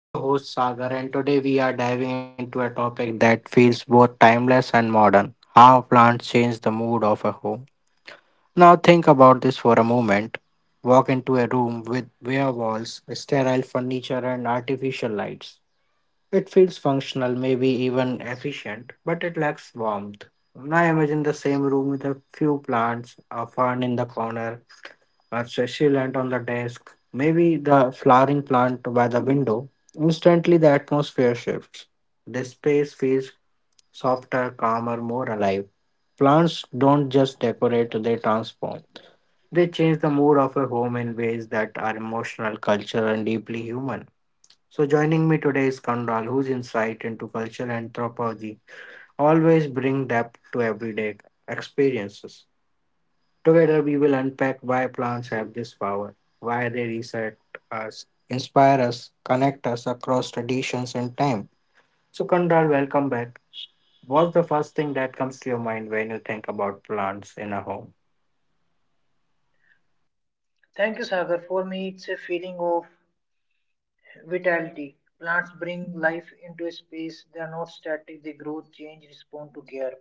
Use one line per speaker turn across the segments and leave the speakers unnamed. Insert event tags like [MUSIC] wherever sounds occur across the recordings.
I'm your host Sagar, and today we are diving into a topic that feels both timeless and modern: how plants change the mood of a home. Now, think about this for a moment. Walk into a room with bare walls, sterile furniture, and artificial lights. It feels functional, maybe even efficient, but it lacks warmth. Now, imagine the same room with a few plants, a fern in the corner, her sachet land on the desk, maybe the flowering plant by the window. Instantly, the atmosphere shifts. The space feels softer, calmer, more alive. Plants don't just decorate, they transform. They change the mood of a home in ways that are emotional, cultural, and deeply human. So, joining me today is Kandral, whose insight into cultural anthropology always bring depth to everyday experiences. Together, we will unpack why plants have this power, why they reset us, inspire us, connect us across traditions and time. So, Kandral, welcome back. What's the first thing that comes to your mind when you think about plants in a home?
Thank you, Sagar. For me, it's a feeling of vitality. Plants bring life into a space. They are not static. They grow, change, respond to care.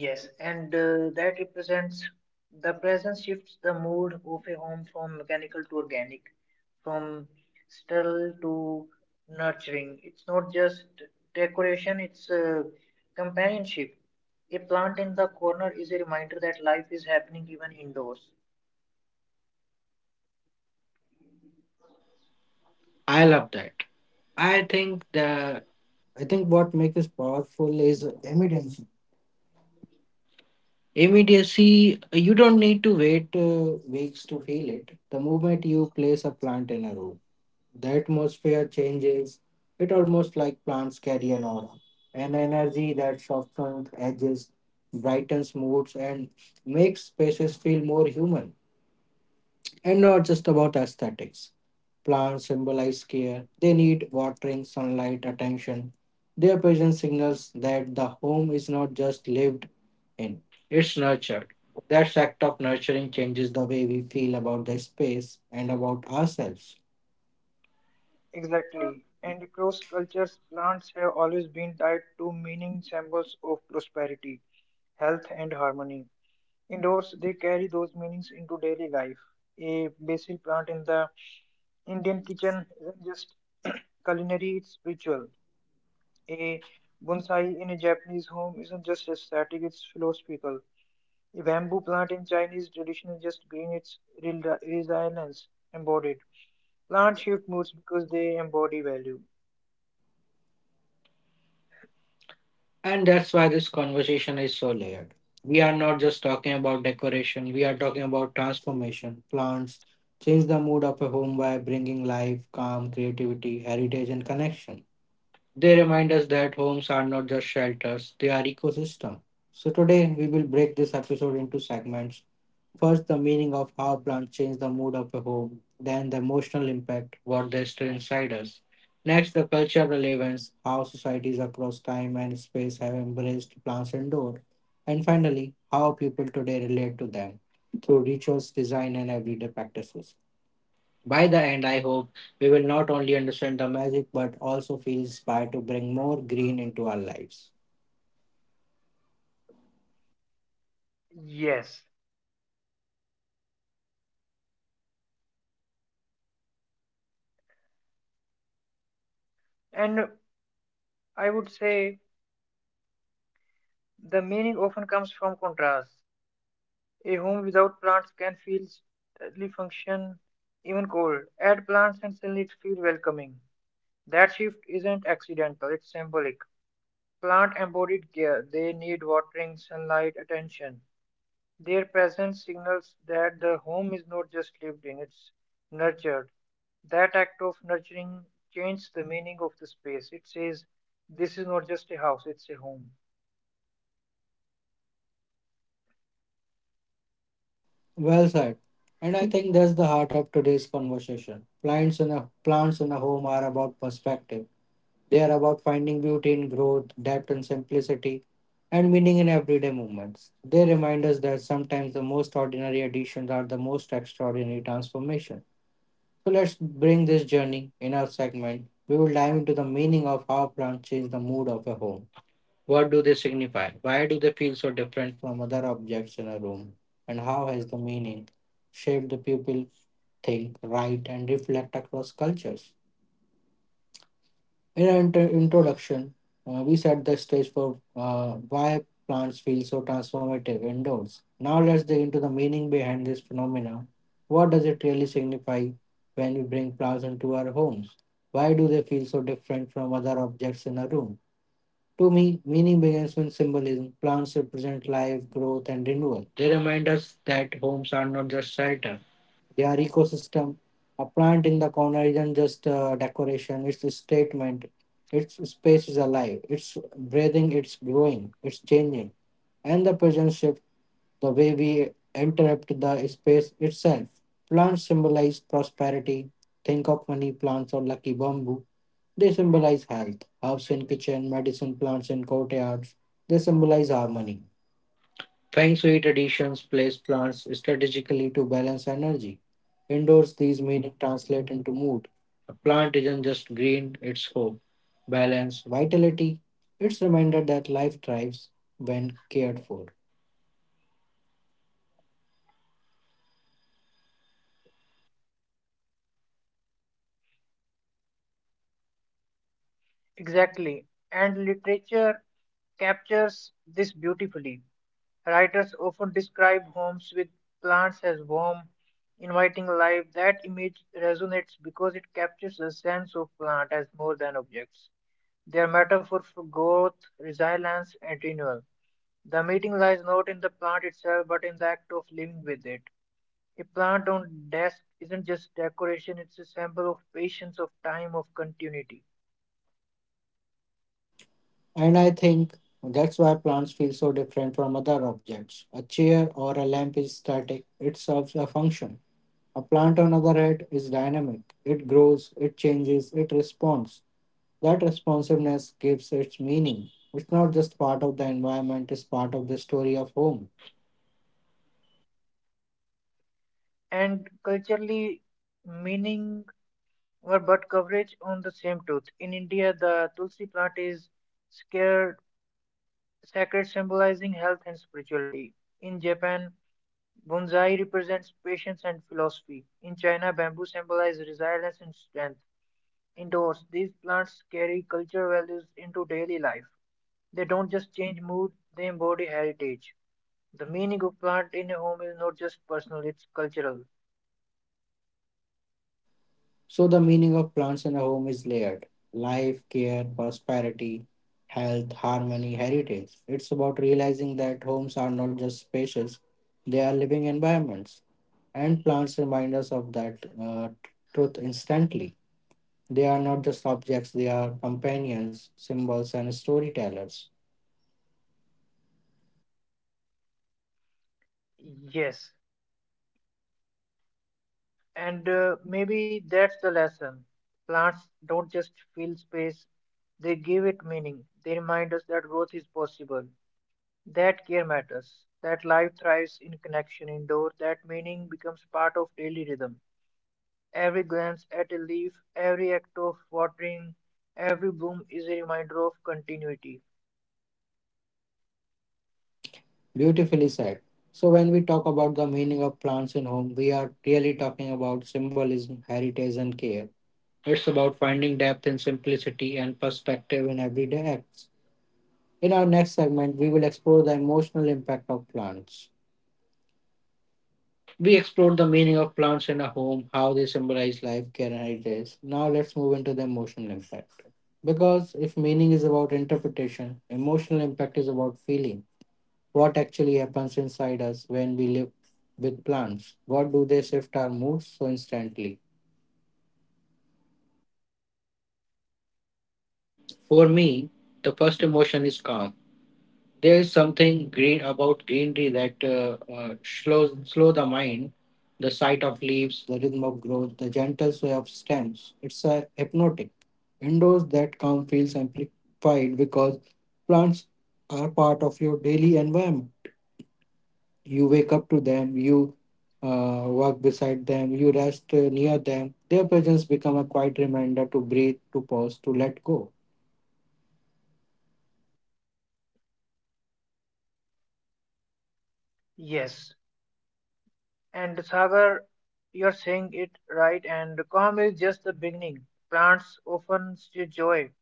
Yes, and that represents the presence shifts the mood of a home from mechanical to organic, from sterile to nurturing. It's not just decoration, it's companionship. A plant in the corner is a reminder that life is happening even indoors.
I love that. I think the I think what makes us powerful is immediacy. Immediacy, you don't need to wait weeks to feel it. The moment you place a plant in a room, the atmosphere changes. It almost like plants carry an aura, an energy that softens edges, brightens moods, and makes spaces feel more human. And not just about aesthetics. Plants symbolize care. They need watering, sunlight, attention. Their presence signals that the home is not just lived in, it's nurtured. That act of nurturing changes the way we feel about the space and about ourselves.
Exactly. And across cultures, plants have always been tied to meaning symbols of prosperity, health, and harmony. Indoors, they carry those meanings into daily life. A basil plant in the Indian kitchen isn't just [CLEARS THROAT] culinary, it's spiritual. A bonsai in a Japanese home isn't just aesthetic, it's philosophical. A bamboo plant in Chinese tradition is just green, it's resilience embodied. Plants shift moods because they embody value.
And that's why this conversation is so layered. We are not just talking about decoration, we are talking about transformation. Plants change the mood of a home by bringing life, calm, creativity, heritage, and connection. They remind us that homes are not just shelters, they are ecosystem. So today we will break this episode into segments. First, the meaning of how plants change the mood of a home, then, the emotional impact, what they stir inside us. Next, the cultural relevance, how societies across time and space have embraced plants indoor. And finally, how people today relate to them through rituals, design, and everyday practices. By the end, I hope we will not only understand the magic but also feel inspired to bring more green into our lives.
Yes, and I would say the meaning often comes from contrast. A home without plants can feel deadly function, even cold. Add plants and suddenly it feels welcoming. That shift isn't accidental, it's symbolic. Plant embodied care. They need watering, sunlight, attention. Their presence signals that the home is not just lived in, it's nurtured. That act of nurturing changes the meaning of the space. It says, this is not just a house, it's a home.
Well said. And I think that's the heart of today's conversation. Plants in a home are about perspective. They are about finding beauty in growth, depth and simplicity, and meaning in everyday moments. They remind us that sometimes the most ordinary additions are the most extraordinary transformation. So let's bring this journey in our segment. We will dive into the meaning of how plants change the mood of a home. What do they signify? Why do they feel so different from other objects in a room? And how has the meaning shaped the people think, write, and reflect across cultures? In our introduction, we set the stage for why plants feel so transformative indoors. Now let's dig into the meaning behind this phenomena. What does it really signify when we bring plants into our homes? Why do they feel so different from other objects in a room? To me, meaning begins with symbolism. Plants represent life, growth, and renewal. They remind us that homes are not just shelter, they are ecosystem. A plant in the corner isn't just decoration, it's a statement. Its space is alive, it's breathing, it's growing, it's changing. And the present shift the way we interrupt the space itself. Plants symbolize prosperity. Think of money plants or lucky bamboo. They symbolize health. Herbs in kitchen, medicine plants in courtyards. They symbolize harmony. Feng Shui traditions place plants strategically to balance energy. Indoors, these meanings translate into mood. A plant isn't just green, it's hope, balance, vitality. It's a reminder that life thrives when cared for.
Exactly. And literature captures this beautifully. Writers often describe homes with plants as warm, inviting life. That image resonates because it captures the sense of plant as more than objects. They are metaphor for growth, resilience, and renewal. The meeting lies not in the plant itself, but in the act of living with it. A plant on desk isn't just decoration, it's a symbol of patience, of time, of continuity.
And I think that's why plants feel so different from other objects. A chair or a lamp is static, it serves a function. A plant, on the other hand, is dynamic. It grows, it changes, it responds. That responsiveness gives its meaning. It's not just part of the environment, it's part of the story of home.
And culturally meaning were but coverage on the same truth. In India, the tulsi plant is scared, sacred, symbolizing health and spirituality. In Japan, bonsai represents patience and philosophy. In China, bamboo symbolizes resilience and strength. Indoors, these plants carry cultural values into daily life. They don't just change mood, they embody heritage. The meaning of plant in a home is not just personal, it's cultural.
So, the meaning of plants in a home is layered: life, care, prosperity, health, harmony, heritage. It's about realizing that homes are not just spaces, they are living environments. And plants remind us of that truth instantly. They are not just objects, they are companions, symbols, and storytellers.
Yes. And maybe that's the lesson. Plants don't just fill space, they give it meaning. They remind us that growth is possible, that care matters, that life thrives in connection indoor, that meaning becomes part of daily rhythm. Every glance at a leaf, every act of watering, every bloom is a reminder of continuity.
Beautifully said. So, when we talk about the meaning of plants in home, we are really talking about symbolism, heritage, and care. It's about finding depth in simplicity and perspective in everyday acts. In our next segment, we will explore the emotional impact of plants. We explored the meaning of plants in a home, how they symbolize life, care, and heritage. Now let's move into the emotional impact. Because if meaning is about interpretation, emotional impact is about feeling. What actually happens inside us when we live with plants? What do they shift our moods so instantly? For me, the first emotion is calm. There is something great about greenery that slow the mind. The sight of leaves, the rhythm of growth, the gentle sway of stems. It's a hypnotic. Indoors, that calm feels amplified because plants are part of your daily environment. You wake up to them, you walk beside them, you rest near them. Their presence become a quiet reminder to breathe, to pause, to let go.
Yes. And Sagar, you're saying it right, and calm is just the beginning. Plants often see joy.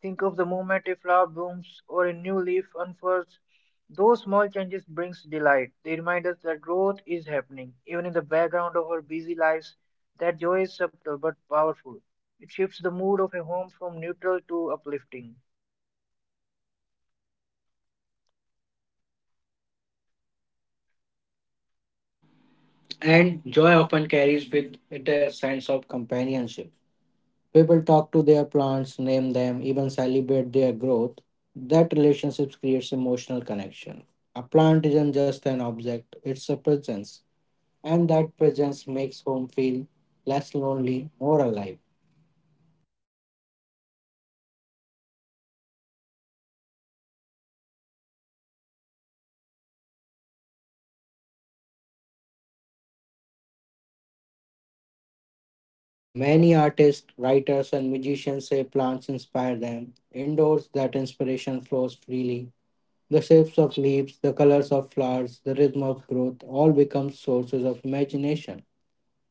Think of the moment a flower blooms or a new leaf unfurls. Those small changes brings delight. They remind us that growth is happening, even in the background of our busy lives. That joy is subtle but powerful. It shifts the mood of a home from neutral to uplifting.
And joy often carries with it a sense of companionship. People talk to their plants, name them, even celebrate their growth. That relationship creates emotional connection. A plant isn't just an object, it's a presence. And that presence makes home feel less lonely, more alive.
Yes, and let's not forget creativity. Many artists, writer, and musicians say plant inspires them, indoor that
Many
inspire.
artists, writers, and musicians say plants inspire them. Indoors, that inspiration flows freely. The shapes of leaves, the colors of flowers, the rhythm of growth all become sources of imagination.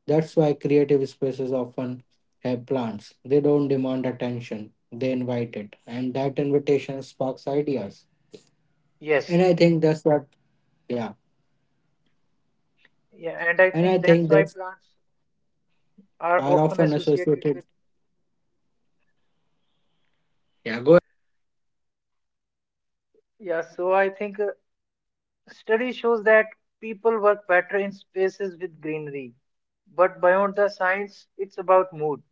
That's why creative spaces often have plants. They don't demand attention, they invite it. And that invitation sparks ideas. And
Yes,
I think that's what, yeah.
yeah, and I
And I
think that's
think
why
that's
plants are
are
often
often
associated
associated.
with.
Yeah, go ahead, Conrad.
Yeah, so I think study shows that people work better in spaces with greenery. But beyond the science, it's about mood.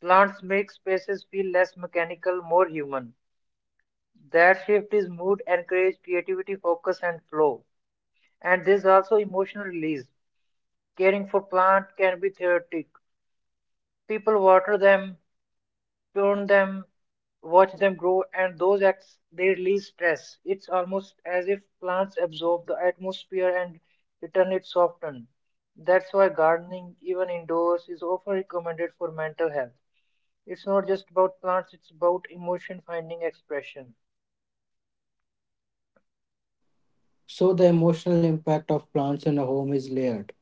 Plants make spaces feel less mechanical, more human. That shift is mood, encourage creativity, focus, and flow. And there's also emotional release. Caring for plant can be therapeutic. People water them, prune them, watch them grow, and those acts they release stress. It's almost as if plants absorb the atmosphere and return it softened. That's why gardening, even indoors, is often recommended for mental health. It's not just about plants, it's about emotion finding expression.
So the emotional impact of plants in a home is layered.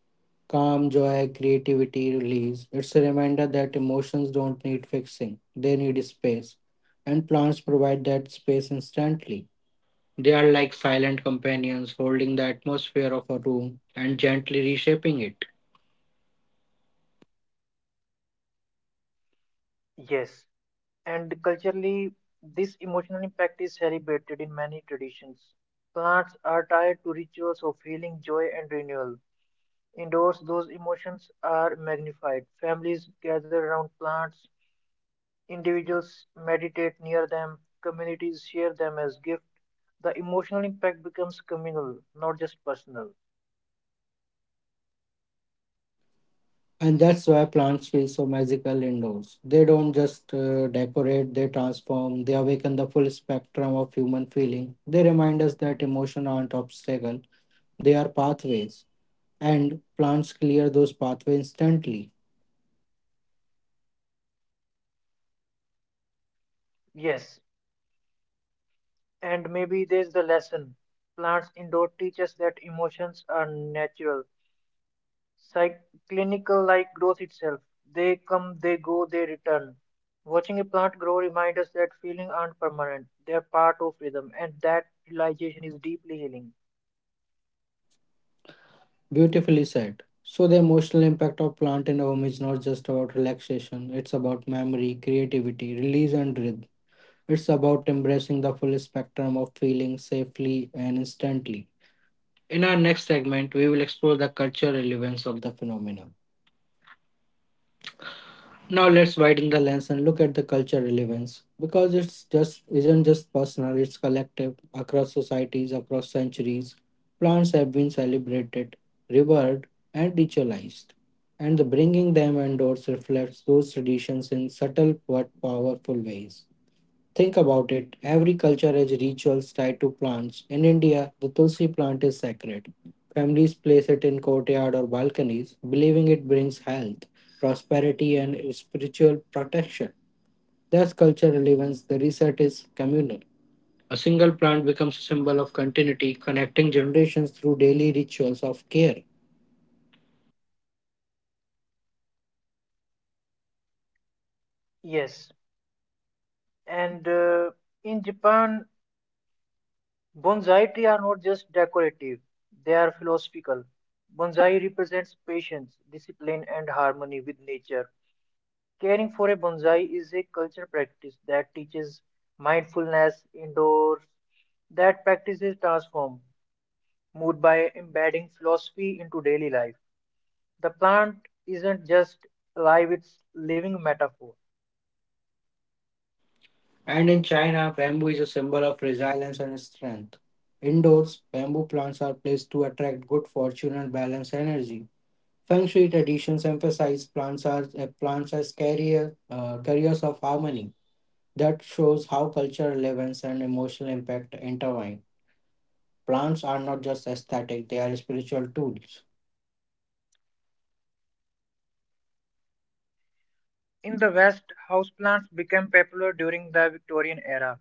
Calm, joy, creativity, release. It's a reminder that emotions don't need fixing, they need space. And plants provide that space instantly. They are like silent companions holding the atmosphere of a room and gently reshaping it.
Yes, and culturally, this emotional impact is celebrated in many traditions. Plants are tied to rituals of healing, joy, and renewal. Indoors, those emotions are magnified. Families gather around plants, individuals meditate near them, communities share them as gift. The emotional impact becomes communal, not just personal.
And that's why plants feel so magical indoors. They don't just decorate, they transform, they awaken the full spectrum of human feeling. They remind us that emotions aren't obstacles, they are pathways. And plants clear those pathways instantly.
Yes, and maybe there's the lesson. Plants indoor teach us that emotions are natural. Cyc- Clinical like growth itself. They come, they go, they return. Watching a plant grow reminds us that feelings aren't permanent, they're part of rhythm, and that realization is deeply healing.
Beautifully said. So the emotional impact of plant in a home is not just about relaxation, it's about memory, creativity, release and rhythm. It's about embracing the full spectrum of feelings safely and instantly. In our next segment, we will explore the cultural relevance of the phenomenon. Now let's widen the lens and look at the cultural relevance because it's just isn't just personal, it's collective across societies, across centuries. Plants have been celebrated, revered, and ritualized, and the bringing them indoors reflects those traditions in subtle but powerful ways. Think about it. Every culture has rituals tied to plants. In India, the tulsi plant is sacred. Families place it in courtyard or balconies, believing it brings health, prosperity, and spiritual protection. That's cultural relevance. The reset is communal. A single plant becomes a symbol of continuity, connecting generations through daily rituals of care.
Yes, and in Japan, bonsai trees are not just decorative, they are philosophical. Bonsai represents patience, discipline, and harmony with nature. Caring for a bonsai is a cultural practice that teaches mindfulness indoors. That practice is transformed mood by embedding philosophy into daily life. The plant isn't just alive, it's living metaphor.
And in China, bamboo is a symbol of resilience and strength. Indoors, bamboo plants are placed to attract good fortune and balance energy. Feng Shui traditions emphasize plants as carriers of harmony. That shows how cultural relevance and emotional impact intertwine. Plants are not just aesthetic; they are spiritual tools.
In the West, houseplants became popular during the Victorian era.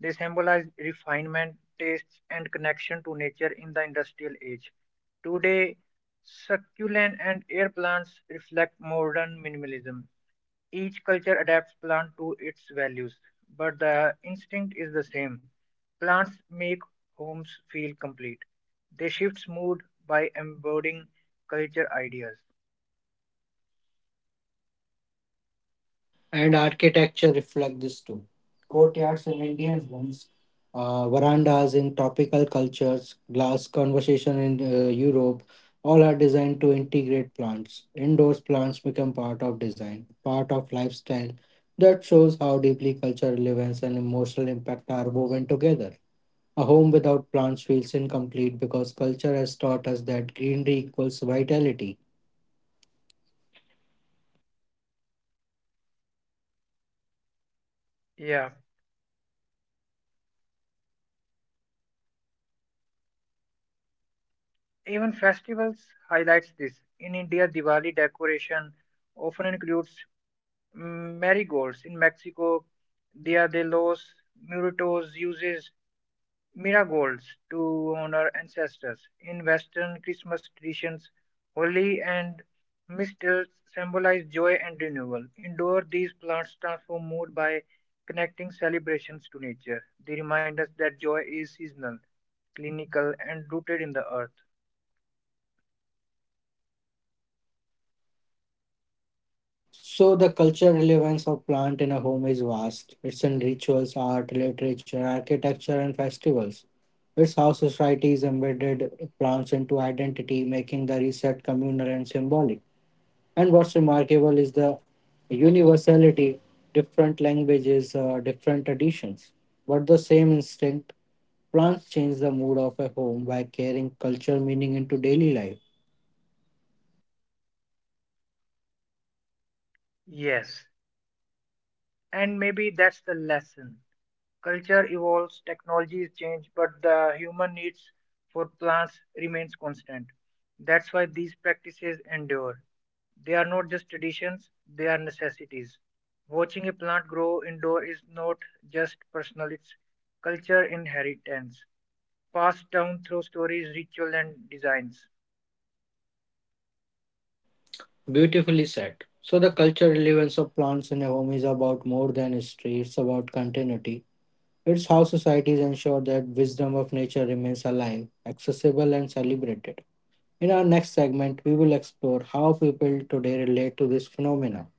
They symbolize refinement, tastes, and connection to nature in the industrial age. Today, succulent and air plants reflect modern minimalism. Each culture adapts plant to its values, but the instinct is the same. Plants make homes feel complete. They shift mood by embodying culture ideas.
And architecture reflect this too. Courtyards in Indian homes, verandas in tropical cultures, glass conversation in Europe, all are designed to integrate plants. Indoors, plants become part of design, part of lifestyle. That shows how deeply cultural relevance and emotional impact are woven together. A home without plants feels incomplete because culture has taught us that greenery equals vitality.
Yeah, even festivals highlights this. In India, Diwali decoration often includes marigolds. In Mexico, Dia de los Muertos uses Miracles to honor ancestors. In Western Christmas traditions, holly and mistletoe symbolize joy and renewal. Indoor, these plants transform mood by connecting celebrations to nature. They remind us that joy is seasonal, clinical, and rooted in the earth.
So the cultural relevance of plant in a home is vast. It's in rituals, art, literature, architecture, and festivals. It's how societies embedded plants into identity, making the reset communal and symbolic. And what's remarkable is the universality, different languages, different traditions, but the same instinct. Plants change the mood of a home by carrying culture meaning into daily life.
Yes, and maybe that's the lesson. Culture evolves, technologies change, but the human needs for plants remains constant. That's why these practices endure. They are not just traditions, they are necessities. Watching a plant grow indoor is not just personal, it's culture inheritance, passed down through stories, ritual, and designs.
Beautifully said. So, the cultural relevance of plants in a home is about more than history, it's about continuity. It's how societies ensure that wisdom of nature remains alive, accessible, and celebrated. In our next segment, we will explore how people today relate to this phenomena.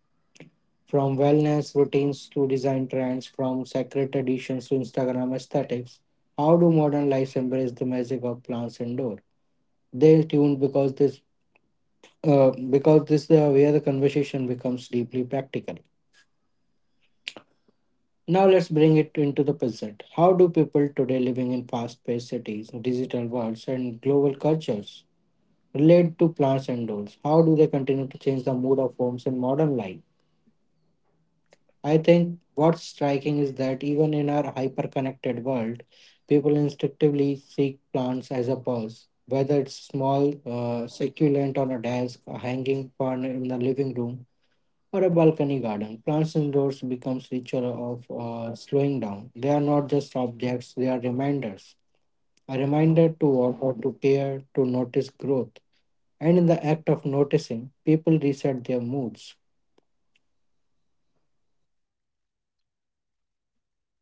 From wellness routines to design trends, from sacred traditions to Instagram aesthetics, how do modern lives embrace the magic of plants indoor? They tuned because this is where the conversation becomes deeply practical. Now let's bring it into the present. How do people today living in fast-paced cities, digital worlds, and global cultures relate to plans and goals? How do they continue to change the mood of homes in modern life? I think what's striking is that even in our hyper-connected world, people instinctively seek plants as a pause. Whether it's small succulent on a desk, a hanging one in the living room, or a balcony garden. Plants indoors becomes ritual of slowing down. They are not just objects; they are reminders. A reminder to walk or to care, to notice growth. And in the act of noticing, people reset their moods.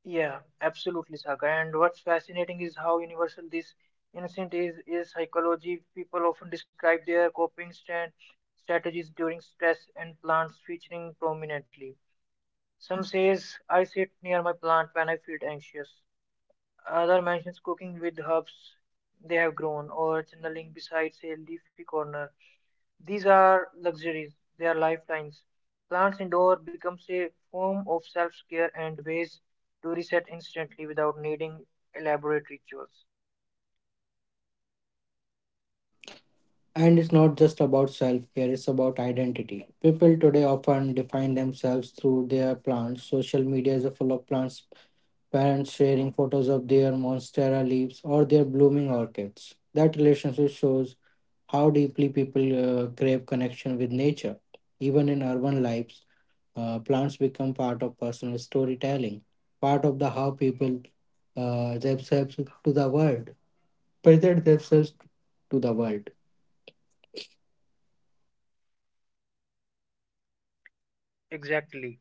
Yeah, absolutely, Saga. And what's fascinating is how universal this instinct is psychology. People often describe their coping stand strategies during stress and plants featuring prominently. Some says I sit near my plant when I feel anxious. Other mentions cooking with herbs they have grown or journaling beside a leafy corner. These are luxuries, they are lifelines. Plants indoor becomes a form of self-care and ways to reset instantly without needing elaborate rituals.
And it's not just about self care, it's about identity. People today often define themselves through their plants. Social media is full of plants, parents sharing photos of their monstera leaves or their blooming orchids. That relationship shows how deeply people crave connection with nature. Even in urban lives, plants become part of personal storytelling, part of the how people themselves to the world, present themselves to the world.
Exactly.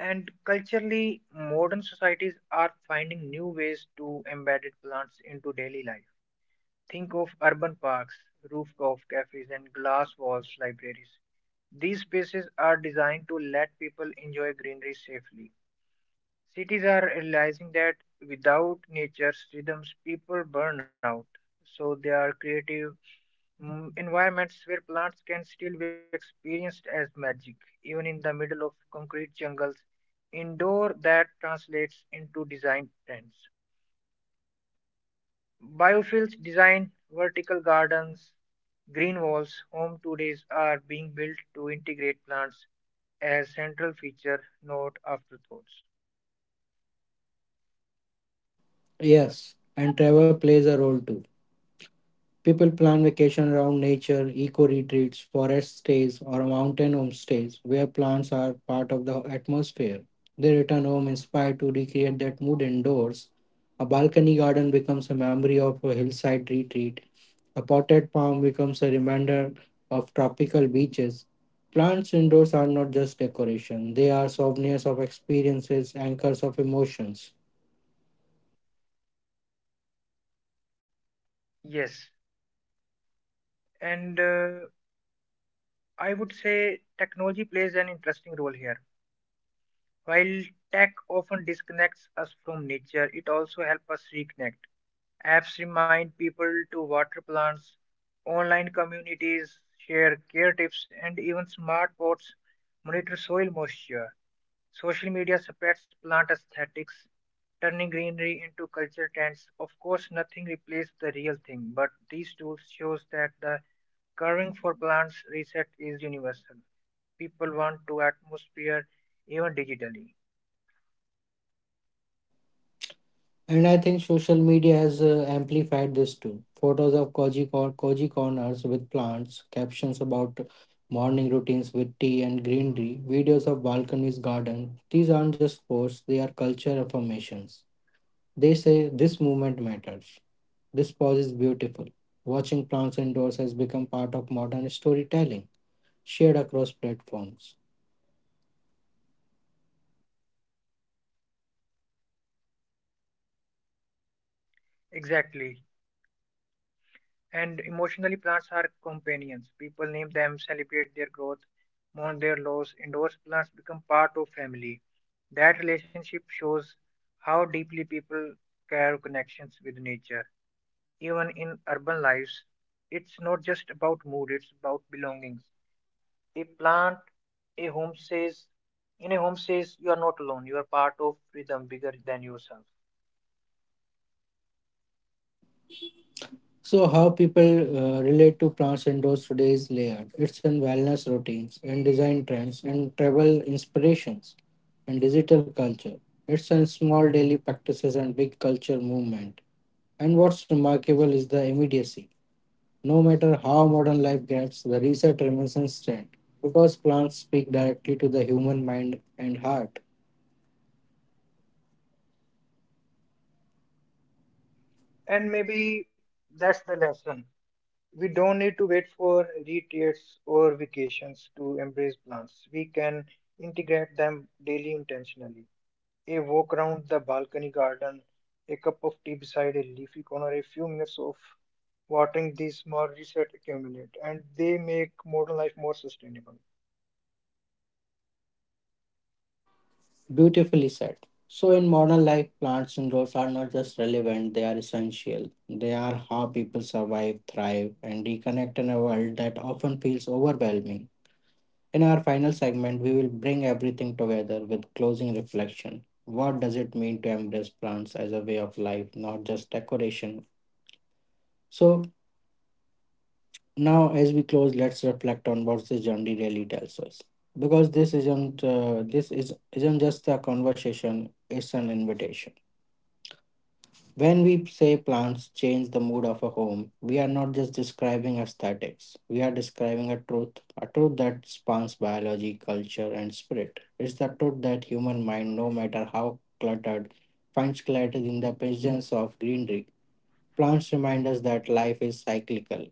And culturally, modern societies are finding new ways to embed plants into daily life. Think of urban parks, rooftop cafes, and glass walls libraries. These spaces are designed to let people enjoy greenery safely. Cities are realizing that without nature's rhythms, people burn out. So they are creative environments where plants can still be experienced as magic, even in the middle of concrete jungles. Indoor that translates into design trends. Biofields design vertical gardens, green walls, home todays are being built to integrate plants as central feature, not afterthoughts.
Yes, and travel plays a role too. People plan vacation around nature, eco retreats, forest stays, or mountain homestays where plants are part of the atmosphere. They return home inspired to recreate that mood indoors. A balcony garden becomes a memory of a hillside retreat. A potted palm becomes a reminder of tropical beaches. Plants indoors are not just decoration, they are souvenirs of experiences, anchors of emotions.
Yes, and I would say technology plays an interesting role here. While tech often disconnects us from nature, it also helps us reconnect. Apps remind people to water plants, online communities share care tips, and even smart pots monitor soil moisture. Social media suppress plant aesthetics, turning greenery into culture trends. Of course, nothing replaces the real thing, but these tools shows that the carving for plants reset is universal. People want to atmosphere even digitally.
And I think social media has amplified this too. Photos of cozy corners with plants, captions about morning routines with tea and greenery, videos of balconies, garden. These aren't just posts, they are culture affirmations. They say this movement matters. This pause is beautiful. Watching plants indoors has become part of modern storytelling, shared across platforms.
Exactly. And emotionally, plants are companions. People name them, celebrate their growth, mourn their loss. Endorse plants become part of family. That relationship shows how deeply people care connections with nature. Even in urban lives, it's not just about mood, it's about belongings. A plant, a home says, in a home says you are not alone, you are part of rhythm bigger than yourself.
So, how people relate to plants indoors today is layered. It's in wellness routines, and design trends, and travel inspirations, and digital culture. It's in small daily practices and big culture movement. And what's remarkable is the immediacy. No matter how modern life gets, the research remains instant because plants speak directly to the human mind and heart.
And maybe that's the lesson. We don't need to wait for retreats or vacations to embrace plants. We can integrate them daily intentionally. A walk around the balcony garden, a cup of tea beside a leafy corner, a few minutes of watering these small resets accumulate and they make modern life more sustainable.
Beautifully said. So, in modern life, plants and roads are not just relevant, they are essential. They are how people survive, thrive, and reconnect in a world that often feels overwhelming. In our final segment, we will bring everything together with closing reflection. What does it mean to embrace plants as a way of life, not just decoration? So, now as we close, let's reflect on what this journey really tells us. Because this isn't this is isn't just a conversation; it's an invitation. When we say plants change the mood of a home, we are not just describing aesthetics. We are describing a truth that spans biology, culture, and spirit. It's the truth that human mind, no matter how cluttered, finds clarity in the presence of greenery. Plants remind us that life is cyclical,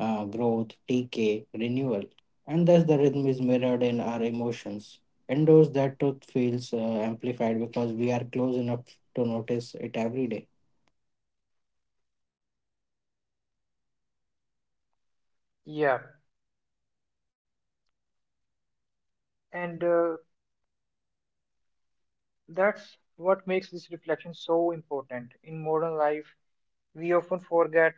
growth, decay, renewal, and thus the rhythm is mirrored in our emotions. Indoors, that truth feels amplified because we are close enough to notice it every day.
Yeah, and that's what makes this reflection so important. In modern life, we often forget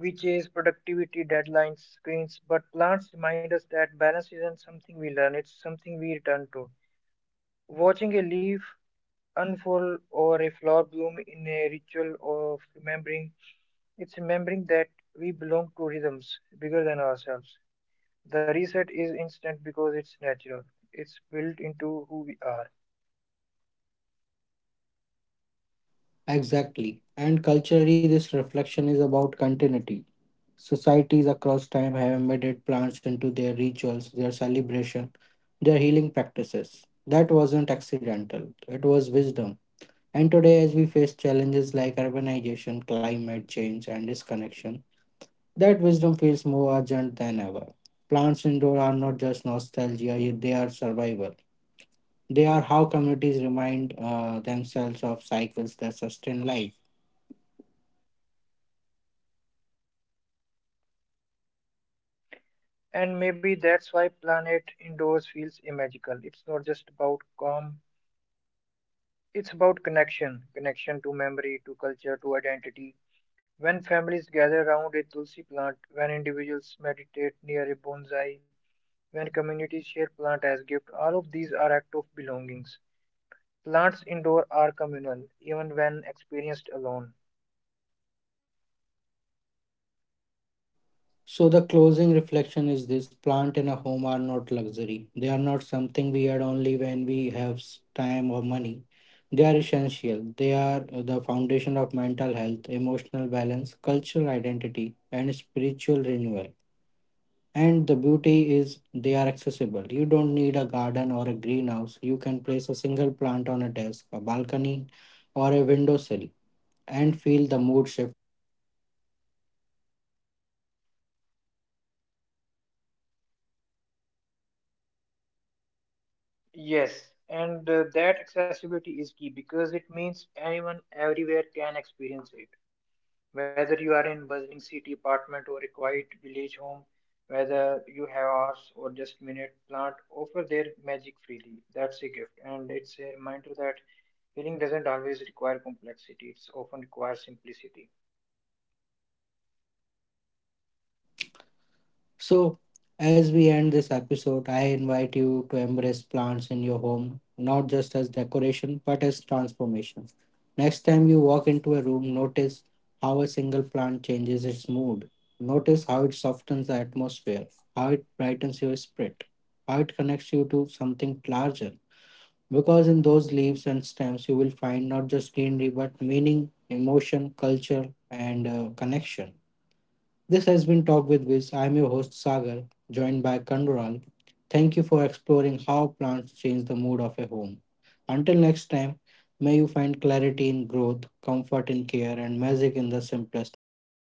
we chase productivity, deadlines, screens, but plants remind us that balance isn't something we learn, it's something we return to. Watching a leaf unfold or a flower bloom in a ritual of remembering, it's remembering that we belong to rhythms bigger than ourselves. The reset is instant because it's natural, it's built into who we are.
Exactly. And culturally, this reflection is about continuity. Societies across time have embedded plants into their rituals, their celebration, their healing practices. That wasn't accidental, it was wisdom. And today, as we face challenges like urbanization, climate change, and disconnection, that wisdom feels more urgent than ever. Plants indoor are not just nostalgia, yet they are survival. They are how communities remind themselves of cycles that sustain life.
And maybe that's why Planet Indoors feels magical. It's not just about calm, it's about connection to memory, to culture, to identity. When families gather around a tulsi plant, when individuals meditate near a bonsai, when communities share plants as gifts, all of these are acts of belongings. Plants indoor are communal, even when experienced alone.
So, the closing reflection is this plant and a home are not luxury. They are not something we add only when we have time or money. They are essential. They are the foundation of mental health, emotional balance, cultural identity, and spiritual renewal. And the beauty is they are accessible. You don't need a garden or a greenhouse. You can place a single plant on a desk, a balcony, or a windowsill and feel the mood shift instantly.
Yes, and that accessibility is key because it means anyone everywhere can experience it. Whether you are in bustling city apartment or a quiet village home, whether you have hours or just minute, plant offer their magic freely. That's a gift, and it's a reminder that healing doesn't always require complexity. It's often requires simplicity.
So, as we end this episode, I invite you to embrace plants in your home, not just as decoration, but as transformation. Next time you walk into a room, notice how a single plant changes its mood. Notice how it softens the atmosphere, how it brightens your spirit, how it connects you to something larger. Because in those leaves and stems, you will find not just greenery, but meaning, emotion, culture, and connection. This has been Talk with Wiz. I'm your host Sagar, joined by Kandural. Thank you for exploring how plants change the mood of a home. Until next time, may you find clarity in growth, comfort in care, and magic in the simplest movement.